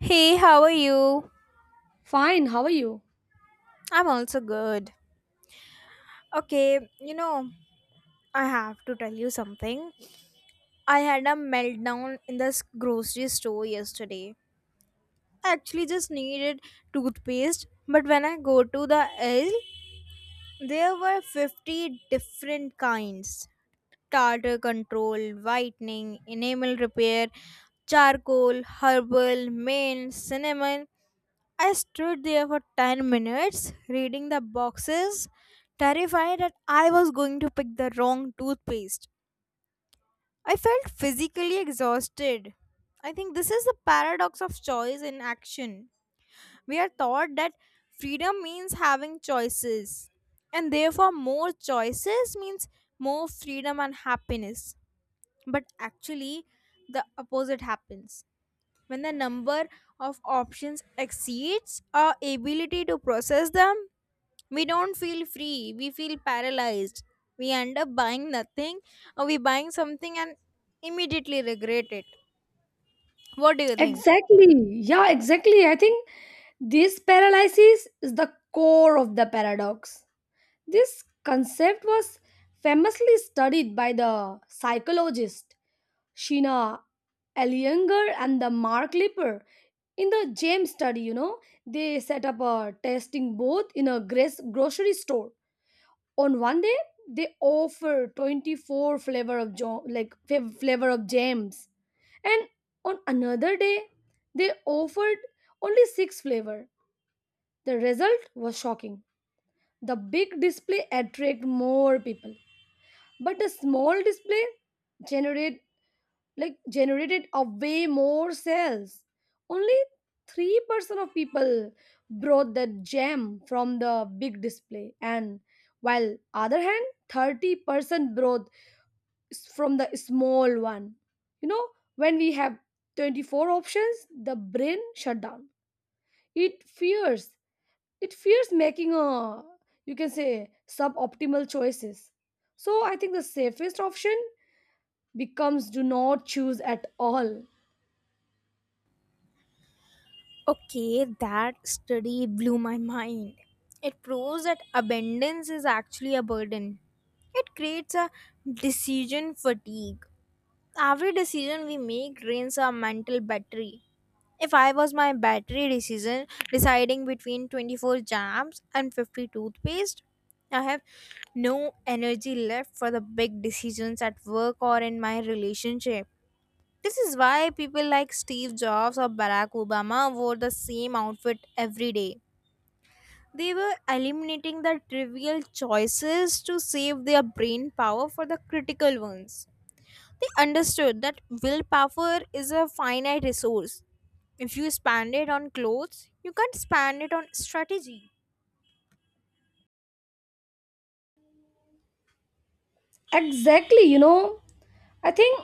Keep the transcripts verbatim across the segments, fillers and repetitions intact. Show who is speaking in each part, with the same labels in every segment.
Speaker 1: Hey, how are you?
Speaker 2: Fine, how are you?
Speaker 1: I'm also good. Okay, you know, I have to tell you something. I had a meltdown in this grocery store yesterday. I actually just needed toothpaste, but when I go to the aisle, there were fifty different kinds. Tartar control, whitening, enamel repair, charcoal, herbal, mint, cinnamon. I stood there for ten minutes reading the boxes, terrified that I was going to pick the wrong toothpaste. I felt physically exhausted. I think this is the paradox of choice in action. We are taught that freedom means having choices, and therefore, more choices means more freedom and happiness. But actually, the opposite happens when the number of options exceeds our ability to process them. We don't feel free, we feel paralyzed. We end up buying nothing, or we buying something and immediately regret it. What do you think?
Speaker 2: Exactly. Yeah, exactly. I think this paralysis is the core of the paradox. This concept was famously studied by the psychologist Sheena Ellinger and the Mark Lipper in the James study, you know. They set up a testing booth in a gres- grocery store. On one day they offer twenty-four flavor of jo- like fa- flavor of jams, and on another day they offered only six flavor. The result was shocking. The big display attract more people, but the small display generate like generated a way more sales. Only three percent of people brought that gem from the big display, and while other hand thirty percent brought s- from the small one. You know, when we have twenty-four options, the brain shut down. It fears it fears making a, you can say, suboptimal choices. So I think the safest option becomes do not choose at all.
Speaker 1: Okay, that study blew my mind. It proves that abundance is actually a burden. It creates a decision fatigue. Every decision we make drains our mental battery. If I was my battery decision, deciding between twenty-four jams and fifty toothpaste, I have no energy left for the big decisions at work or in my relationship. This is why people like Steve Jobs or Barack Obama wore the same outfit every day. They were eliminating the trivial choices to save their brain power for the critical ones. They understood that willpower is a finite resource, if you spend it on clothes, you can't spend it on strategy.
Speaker 2: Exactly, you know, I think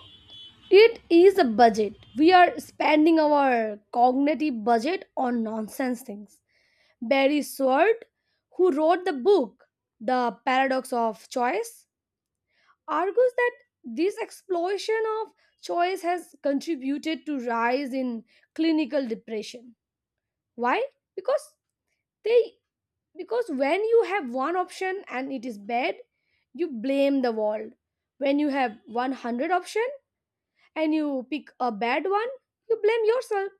Speaker 2: it is a budget. We are spending our cognitive budget on nonsense things. Barry Sword, who wrote the book The Paradox of Choice, argues that this explosion of choice has contributed to rise in clinical depression. Why? Because they because when you have one option and it is bad, you blame the world. When you have one hundred options and you pick a bad one, you blame yourself.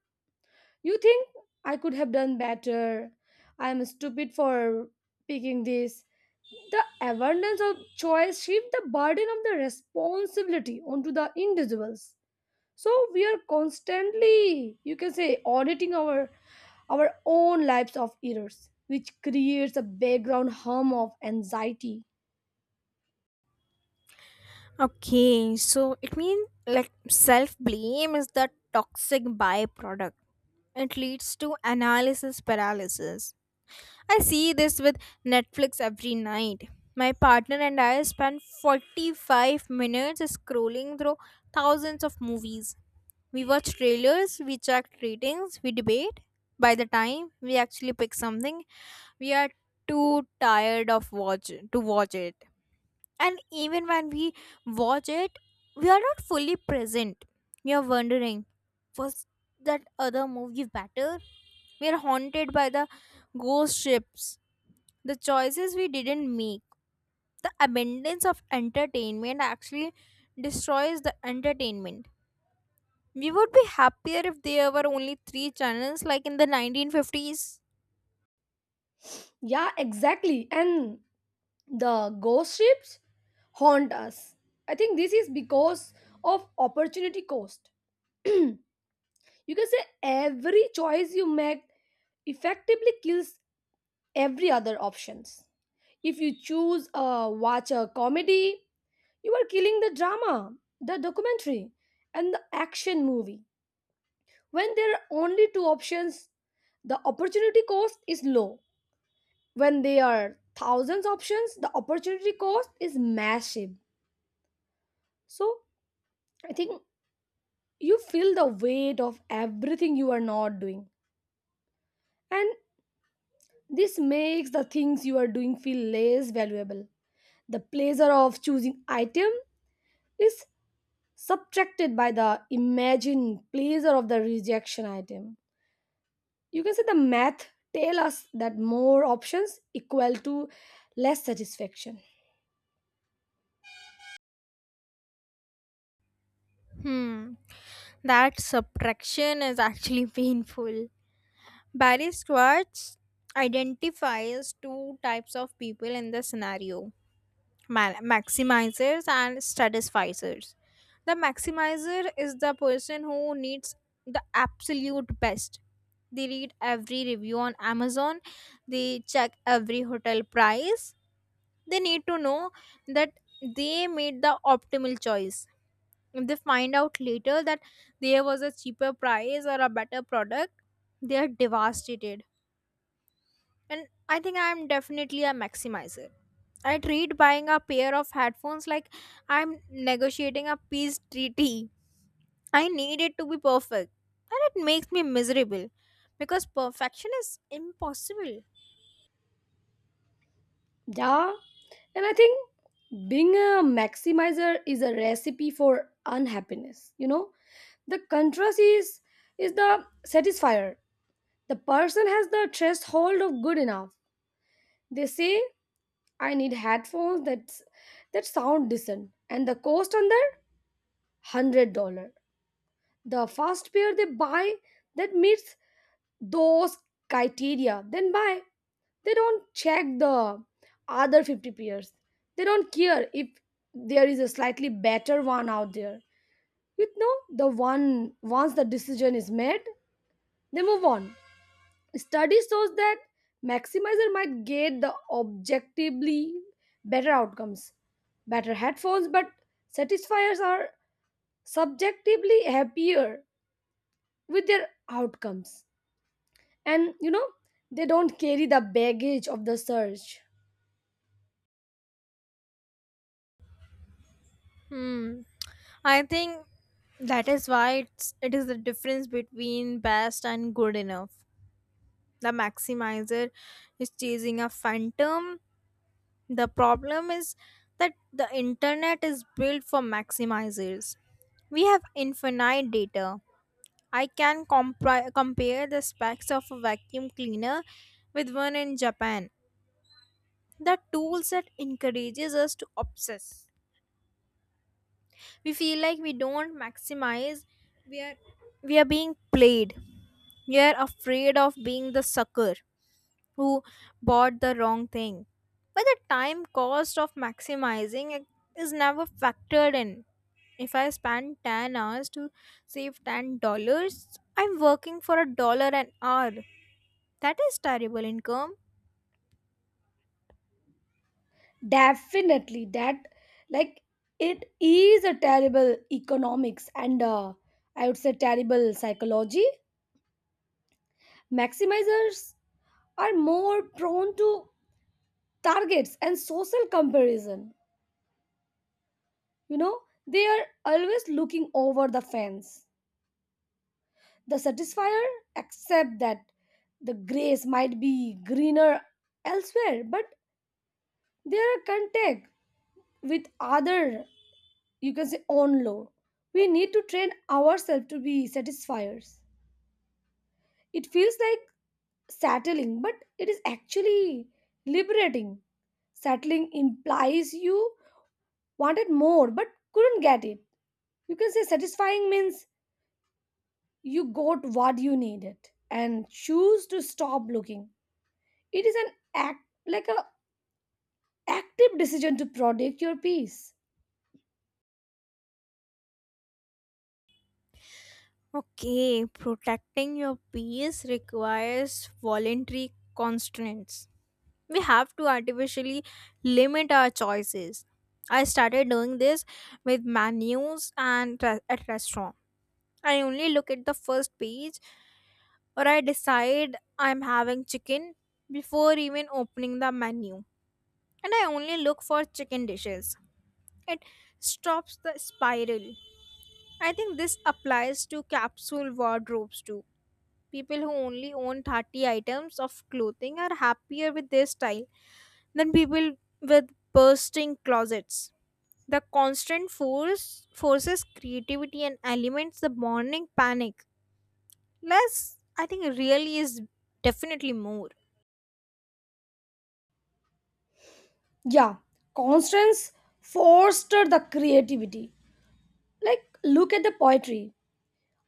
Speaker 2: You think, I could have done better. I'm stupid for picking this. The abundance of choice shifts the burden of the responsibility onto the individuals. So we are constantly, you can say, auditing our our own lives of errors, which creates a background hum of anxiety.
Speaker 1: Okay, so it means like self blame is the toxic byproduct. It leads to analysis paralysis. I see this with Netflix every night. My partner and I spend forty-five minutes scrolling through thousands of movies. We watch trailers, we check ratings, we debate. By the time we actually pick something, we are too tired of watch to watch it. And even when we watch it, we are not fully present. We are wondering, was that other movie better? We are haunted by the ghost ships, the choices we didn't make. The abundance of entertainment actually destroys the entertainment. We would be happier if there were only three channels, like in the nineteen fifties.
Speaker 2: Yeah, exactly. And the ghost ships haunt us. I think this is because of opportunity cost. You can say every choice you make effectively kills every other options. If you choose a watch a comedy, you are killing the drama, the documentary, and the action movie. When there are only two options, the opportunity cost is low. When there are thousands options, the opportunity cost is massive. So I think you feel the weight of everything you are not doing, and this makes the things you are doing feel less valuable. The pleasure of choosing item is subtracted by the imagined pleasure of the rejection item. You can say the math tell us that more options equal to less satisfaction.
Speaker 1: Hmm that subtraction is actually painful. Barry Schwartz identifies two types of people in the scenario: ma- maximizers and strategizers. The maximizer is the person who needs the absolute best. They read every review on Amazon, they check every hotel price. They need to know that they made the optimal choice. If they find out later that there was a cheaper price or a better product, they are devastated, and I think I'm definitely a maximizer. I treat buying a pair of headphones like I'm negotiating a peace treaty. I need it to be perfect. And it makes me miserable because perfection is impossible.
Speaker 2: Yeah, and I think being a maximizer is a recipe for unhappiness. You know, the contrast is is the satisfier. The person has the threshold of good enough. They say, "I need headphones that that sound decent," and the cost on their hundred dollar. The first pair they buy that meets those criteria, then buy. They don't check the other fifty pairs? They don't care if there is a slightly better one out there. You know, the one once the decision is made, they move on. Study shows that maximizer might get the objectively better outcomes, better headphones, but satisfiers are subjectively happier with their outcomes. and you know they don't carry the baggage of the surge.
Speaker 1: Hmm. I think that is why it's, it is the difference between best and good enough. The maximizer is chasing a phantom. The problem is that the internet is built for maximizers. We have infinite data. I can compri- compare the specs of a vacuum cleaner with one in Japan. The tool set encourages us to obsess. We feel like we don't maximize. We are we are being played. We are afraid of being the sucker who bought the wrong thing. But the time cost of maximizing it is never factored in. If I spend ten hours to save ten dollars I'm working for a dollar an hour. That is terrible income.
Speaker 2: Definitely that, like, it is a terrible economics, and uh, I would say terrible psychology. Maximizers are more prone to targets and social comparison. You know they are always looking over the fence. The satisfier accept that the grass might be greener elsewhere, but they their contact with other, you can say, on low. We need to train ourselves to be satisfiers. It feels like settling, but it is actually liberating. Settling implies you wanted more but couldn't get it. You can say satisfying means you got what you needed and choose to stop looking. It is an act, like a active decision to protect your peace.
Speaker 1: Okay, protecting your peace requires voluntary constraints. We have to artificially limit our choices. I started doing this with menus and re- at restaurants. I only look at the first page, or I decide I'm having chicken before even opening the menu. And I only look for chicken dishes. It stops the spiral. I think this applies to capsule wardrobes too. People who only own thirty items of clothing are happier with their style than people with bursting closets. The constant force forces creativity and aliments the morning panic. Less, I think, really is definitely more.
Speaker 2: Yeah, constraints foster the creativity. Like look at the poetry.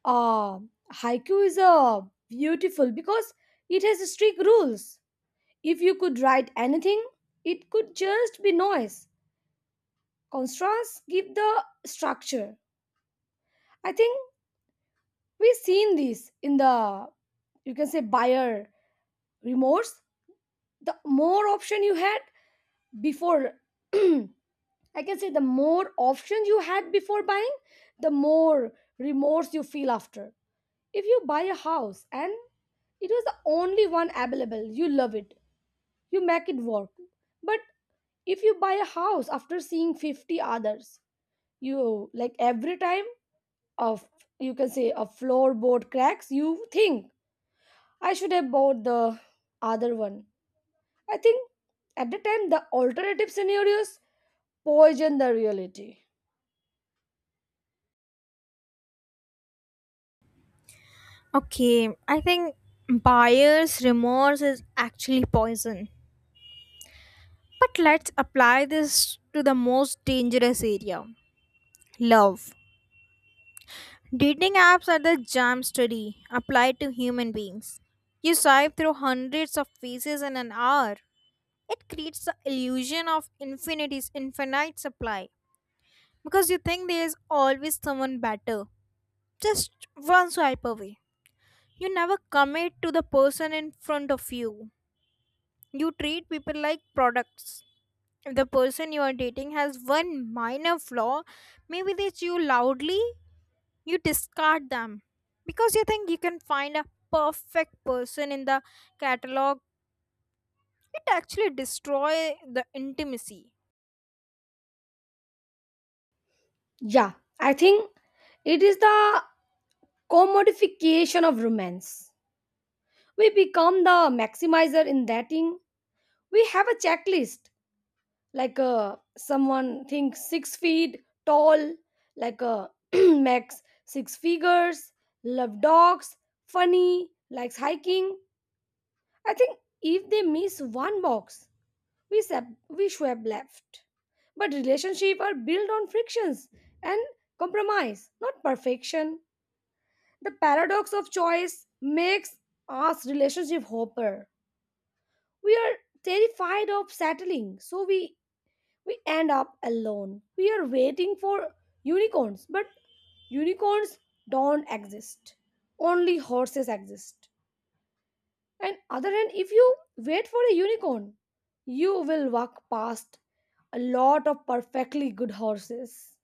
Speaker 2: uh Haiku is uh, beautiful because it has strict rules. If you could write anything, it could just be noise. Constraints give the structure. I think we've seen this in the, you can say, buyer remorse. The more option you had before I can say the more options you had before buying, the more remorse you feel after. If you buy a house and it was the only one available, you love it, you make it work. But if you buy a house after seeing fifty others, you like every time of, you can say, a floorboard cracks, you think I should have bought the other one. I think at the time the alternative scenarios poison the reality.
Speaker 1: Okay, I think buyer's remorse is actually poison. But let's apply this to the most dangerous area, love. Dating apps are the jam study applied to human beings. You swipe through hundreds of faces in an hour. It creates the illusion of infinity's infinite supply because you think there is always someone better, just one swipe away. You never commit to the person in front of you. You treat people like products. If the person you are dating has one minor flaw, maybe they chew loudly, you discard them. Because you think you can find a perfect person in the catalog, it actually destroys the intimacy.
Speaker 2: Yeah, I think it is the commodification of romance. We become the maximizer in dating. We have a checklist, like uh, someone thinks six feet tall, like uh, max six figures, love dogs, funny, likes hiking. I think if they miss one box, we sab- we swipe left. But relationships are built on frictions and compromise, not perfection. The paradox of choice makes us relationship hopper. We are terrified of settling, so we we end up alone. We are waiting for unicorns, but unicorns don't exist. Only horses exist. And other hand, if you wait for a unicorn, you will walk past a lot of perfectly good horses.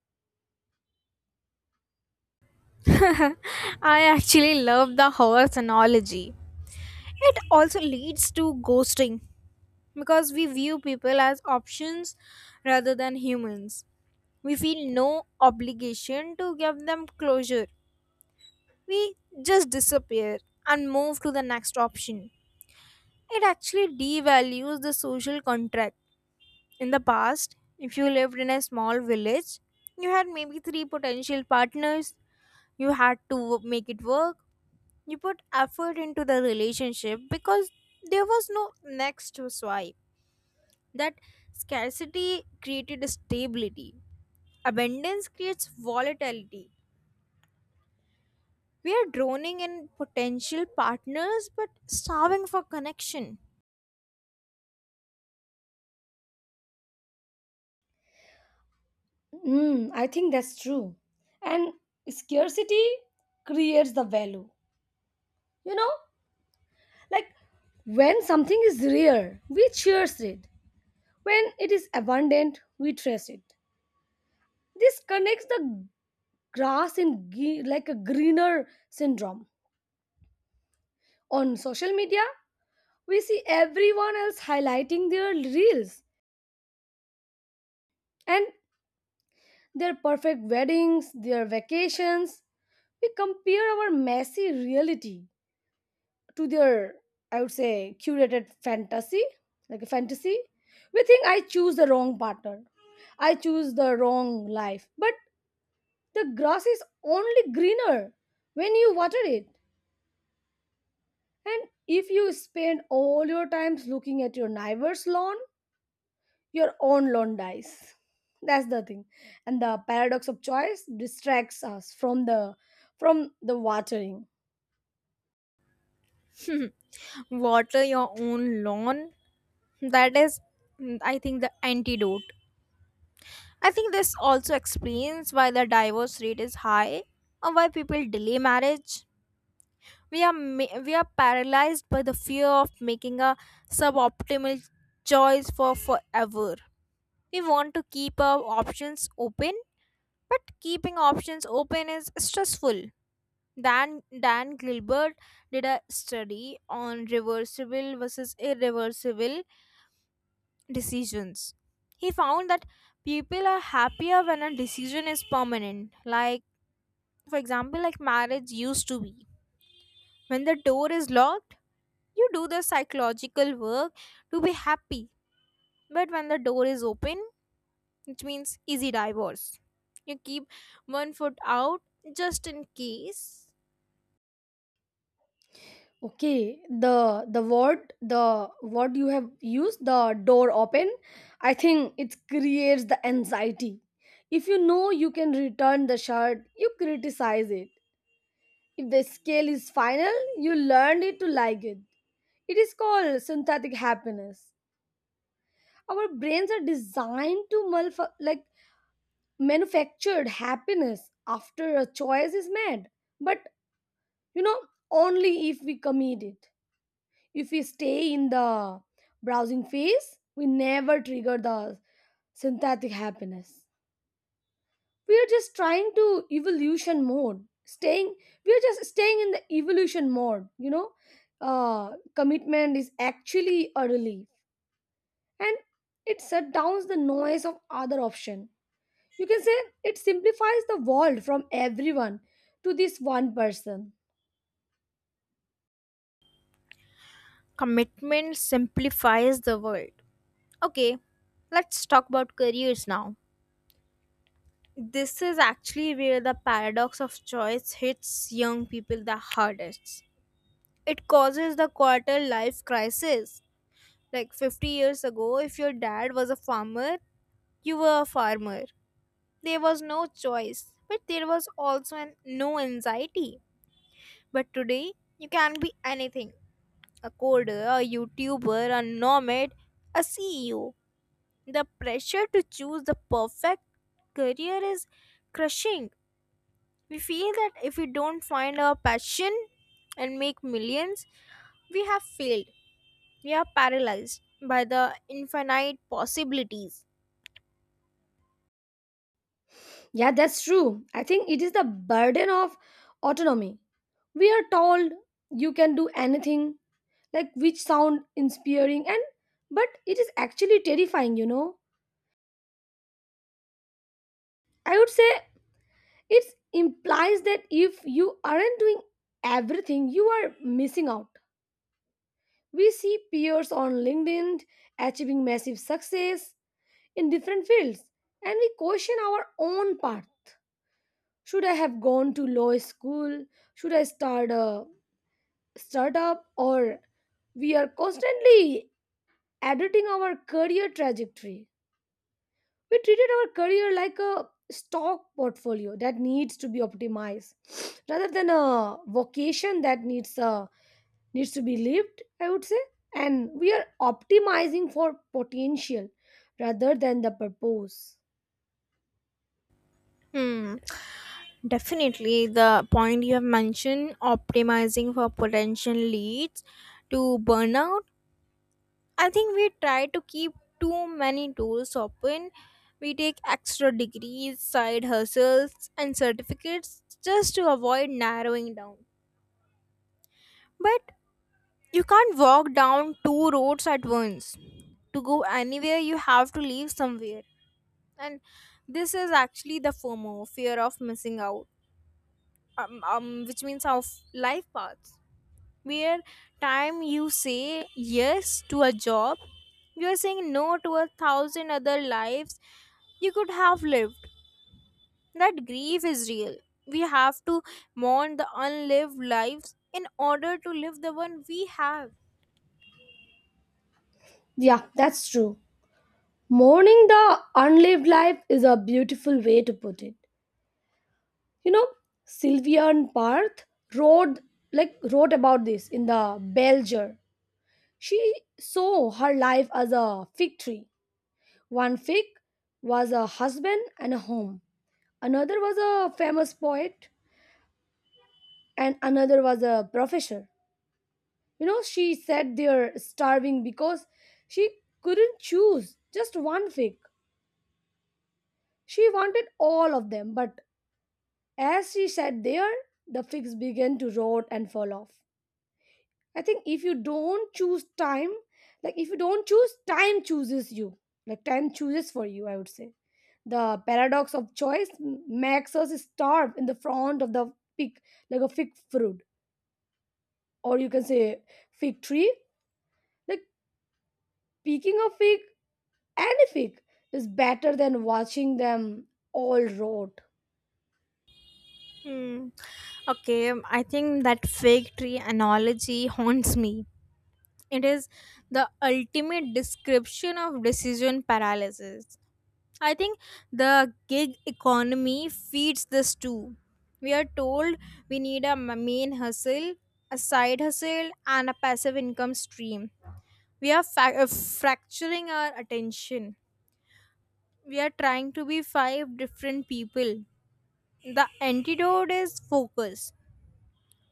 Speaker 1: I actually love the horse analogy. It also leads to ghosting because we view people as options rather than humans. We feel no obligation to give them closure. We just disappear and move to the next option. It actually devalues the social contract. In the past, if you lived in a small village, you had maybe three potential partners, you had to wo- make it work, you put effort into the relationship because there was no next to swipe. That scarcity created stability, abundance creates volatility. We are droning in potential partners but starving for connection.
Speaker 2: Mm, I think that's true. And scarcity creates the value. You know like when something is rare, we cherish it. When it is abundant, we trace it. This connects the grass in ge- like a greener syndrome. On social media, we see everyone else highlighting their reels and their perfect weddings, their vacations. We compare our messy reality to their, I would say, curated fantasy, like a fantasy. We think I choose the wrong partner. I choose the wrong life. But the grass is only greener when you water it. And if you spend all your times looking at your neighbor's lawn, your own lawn dies. That's the thing. And the paradox of choice distracts us from the from the watering.
Speaker 1: Water your own lawn. That is, mm, I think, the antidote. I think this also explains why the divorce rate is high or why people delay marriage. We are ma- we are paralyzed by the fear of making a suboptimal choice for forever. We want to keep our options open, but keeping options open is stressful. Dan Dan Gilbert did a study on reversible versus irreversible decisions. He found that people are happier when a decision is permanent. Like for example, like marriage used to be. When the door is locked, you do the psychological work to be happy. But when the door is open, it means easy divorce. You keep one foot out just in case.
Speaker 2: Okay, the the word the word you have used, the door open, I think it creates the anxiety. If you know you can return the shirt, you criticize it. If the scale is final, you learned it to like it. It is called synthetic happiness. Our brains are designed to malf- like manufactured happiness after a choice is made. But you know, only if we commit it. If we stay in the browsing phase, we never trigger the synthetic happiness. we are just trying to evolution mode staying we are just staying in the evolution mode you know uh Commitment is actually a relief, and it shut downs the noise of other option. You can say it simplifies the world from everyone to this one person.
Speaker 1: Commitment simplifies the world. Okay, let's talk about careers now. This is actually where the paradox of choice hits young people the hardest. It causes the quarter life crisis. Like fifty years ago, if your dad was a farmer, you were a farmer. There was no choice, but there was also an, no anxiety. But today, you can be anything, a coder, a YouTuber, a nomad, a C E O. The pressure to choose the perfect career is crushing. We feel that if we don't find our passion and make millions, we have failed. We are paralyzed by the infinite possibilities.
Speaker 2: Yeah, that's true. I think it is the burden of autonomy. We are told you can do anything, like which sound inspiring, and but it is actually terrifying you know I would say it implies that if you aren't doing everything, you are missing out. We see peers on LinkedIn achieving massive success in different fields, and we question our own path. Should I have gone to law school? Should I start a startup? Or we are constantly editing our career trajectory. We treated our career like a stock portfolio that needs to be optimized rather than a vocation that needs uh, needs to be lived, I would say. And we are optimizing for potential rather than the purpose.
Speaker 1: Hmm. Definitely, the point you have mentioned, optimizing for potential leads to burnout. I think we try to keep too many doors open. We take extra degrees, side hustles, and certificates just to avoid narrowing down. But you can't walk down two roads at once. To go anywhere, you have to leave somewhere. And this is actually the FOMO, fear of missing out, um, um, which means of life paths. Where time you say yes to a job, you are saying no to a thousand other lives you could have lived. That grief is real. We have to mourn the unlived lives in order to live the one we have.
Speaker 2: Yeah, that's true. Mourning the unlived life is a beautiful way to put it. You know, Sylvia and Parth wrote like wrote about this in the Belger. She saw her life as a fig tree. One fig was a husband and a home. Another was a famous poet, and another was a professor. You know, she sat there starving because she couldn't choose just one fig. She wanted all of them, but as she sat there, the figs began to rot and fall off. I think if you don't choose time, like if you don't choose, time chooses you. Like time chooses for you, I would say. The paradox of choice m- makes us starve in the front of the fig, like a fig fruit, or you can say fig tree. Like picking a fig, any fig, is better than watching them all rot.
Speaker 1: Hmm. Okay, um, I think that fig tree analogy haunts me. It is the ultimate description of decision paralysis. I think the gig economy feeds this too. We are told we need a m- main hustle, a side hustle, and a passive income stream. We are fa- uh, fracturing our attention. We are trying to be five different people. The antidote is focus.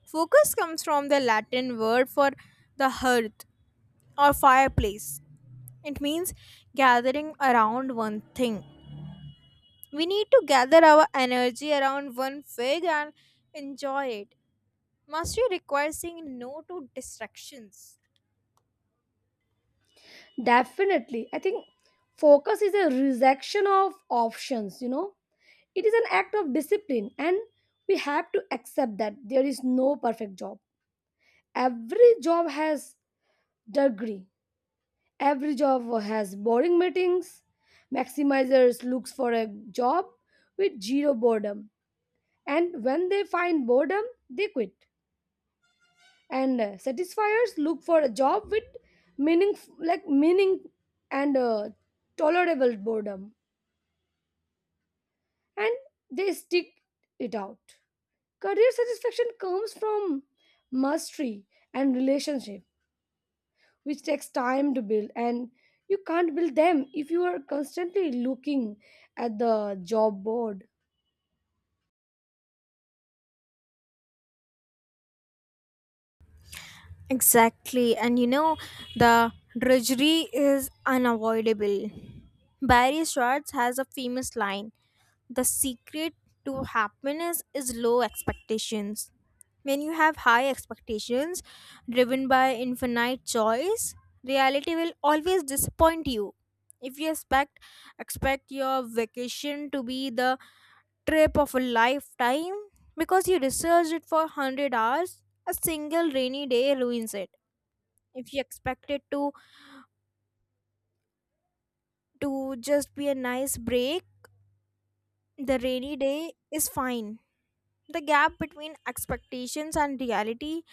Speaker 1: Focus comes from the Latin word for the hearth or fireplace. It means gathering around one thing. We need to gather our energy around one fig and enjoy it. Mastery requires saying no to distractions.
Speaker 2: Definitely, I think focus is a rejection of options. You know, It is an act of discipline, and we have to accept that there is no perfect job. Every job has degree. Every job has boring meetings. Maximizers looks for a job with zero boredom, and when they find boredom, they quit. And uh, satisfiers look for a job with meaning, like meaning, and uh, tolerable boredom, and they stick it out. Career satisfaction comes from mastery and relationship, which takes time to build, and you can't build them if you are constantly looking at the job board.
Speaker 1: Exactly. And you know, the drudgery is unavoidable. Barry Schwartz has a famous line: the secret to happiness is low expectations. When you have high expectations driven by infinite choice, reality will always disappoint you. If you expect expect your vacation to be the trip of a lifetime because you researched it for one hundred hours, a single rainy day ruins it. If you expect it to to just be a nice break, the rainy day is fine. The gap between expectations and reality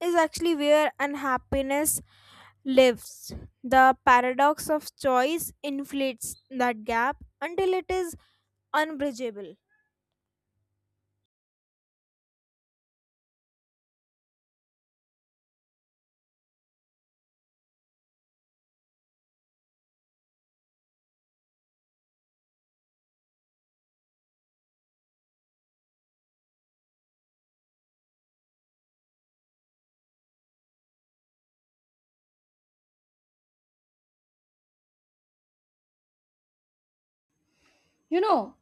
Speaker 1: is actually where unhappiness lives. The paradox of choice inflates that gap until it is unbridgeable.
Speaker 2: You know,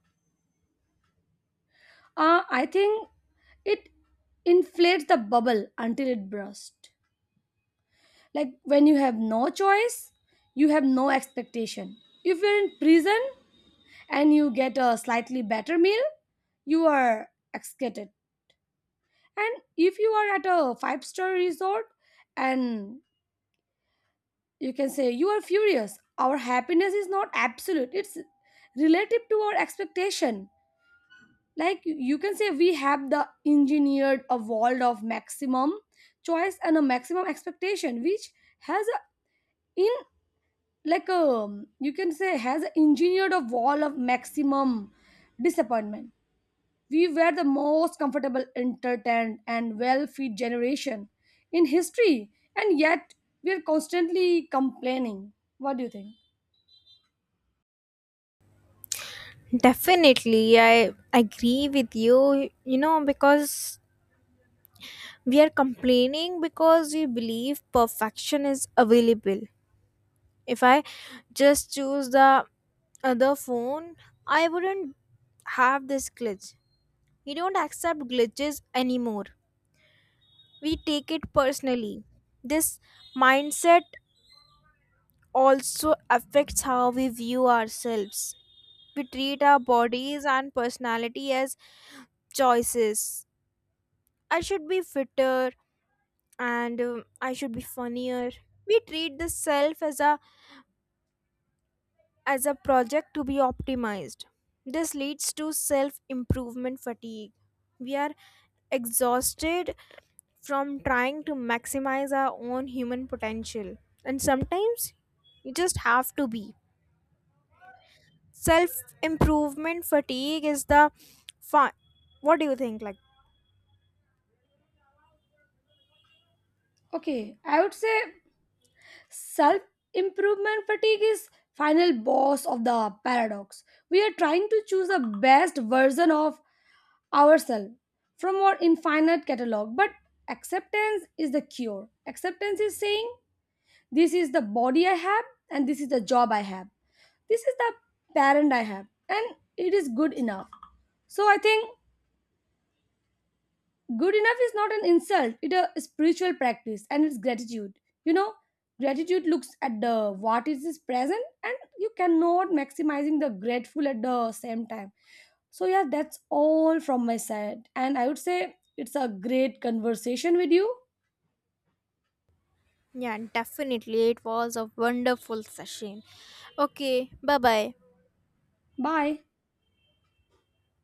Speaker 2: uh, I think it inflates the bubble until it bursts. Like when you have no choice, you have no expectation. If you're in prison and you get a slightly better meal, you are excited. And if you are at a five star resort and you can say you are furious, our happiness is not absolute, it's relative to our expectation. Like you can say, we have the engineered a world of maximum choice and a maximum expectation, which has a in like a you can say has a engineered a wall of maximum disappointment. We were the most comfortable, entertained, and well fed generation in history, and yet we are constantly complaining. What do you think?
Speaker 1: Definitely, I agree with you. You know, because we are complaining because we believe perfection is available. If I just choose the other phone, I wouldn't have this glitch. We don't accept glitches anymore. We take it personally. This mindset also affects how we view ourselves. We treat our bodies and personality as choices. I should be fitter, and um, I should be funnier. We treat the self as a as a project to be optimized. This leads to self improvement fatigue. We are exhausted from trying to maximize our own human potential, and sometimes you just have to be. Self improvement fatigue is the fun. What do you think? Like,
Speaker 2: Okay, I would say self improvement fatigue is final boss of the paradox. We are trying to choose the best version of ourselves from our infinite catalog, but acceptance is the cure. Acceptance is saying this is the body I have, and this is the job I have. This is the parent I have, and it is good enough. So I think good enough is not an insult, it is a spiritual practice and it's gratitude. You know, gratitude looks at the what is is present, and you cannot maximizing the grateful at the same time. So yeah, that's all from my side. And I would say it's a great conversation with you.
Speaker 1: yeah, definitely. It was a wonderful session. Okay, bye bye.
Speaker 2: Bye.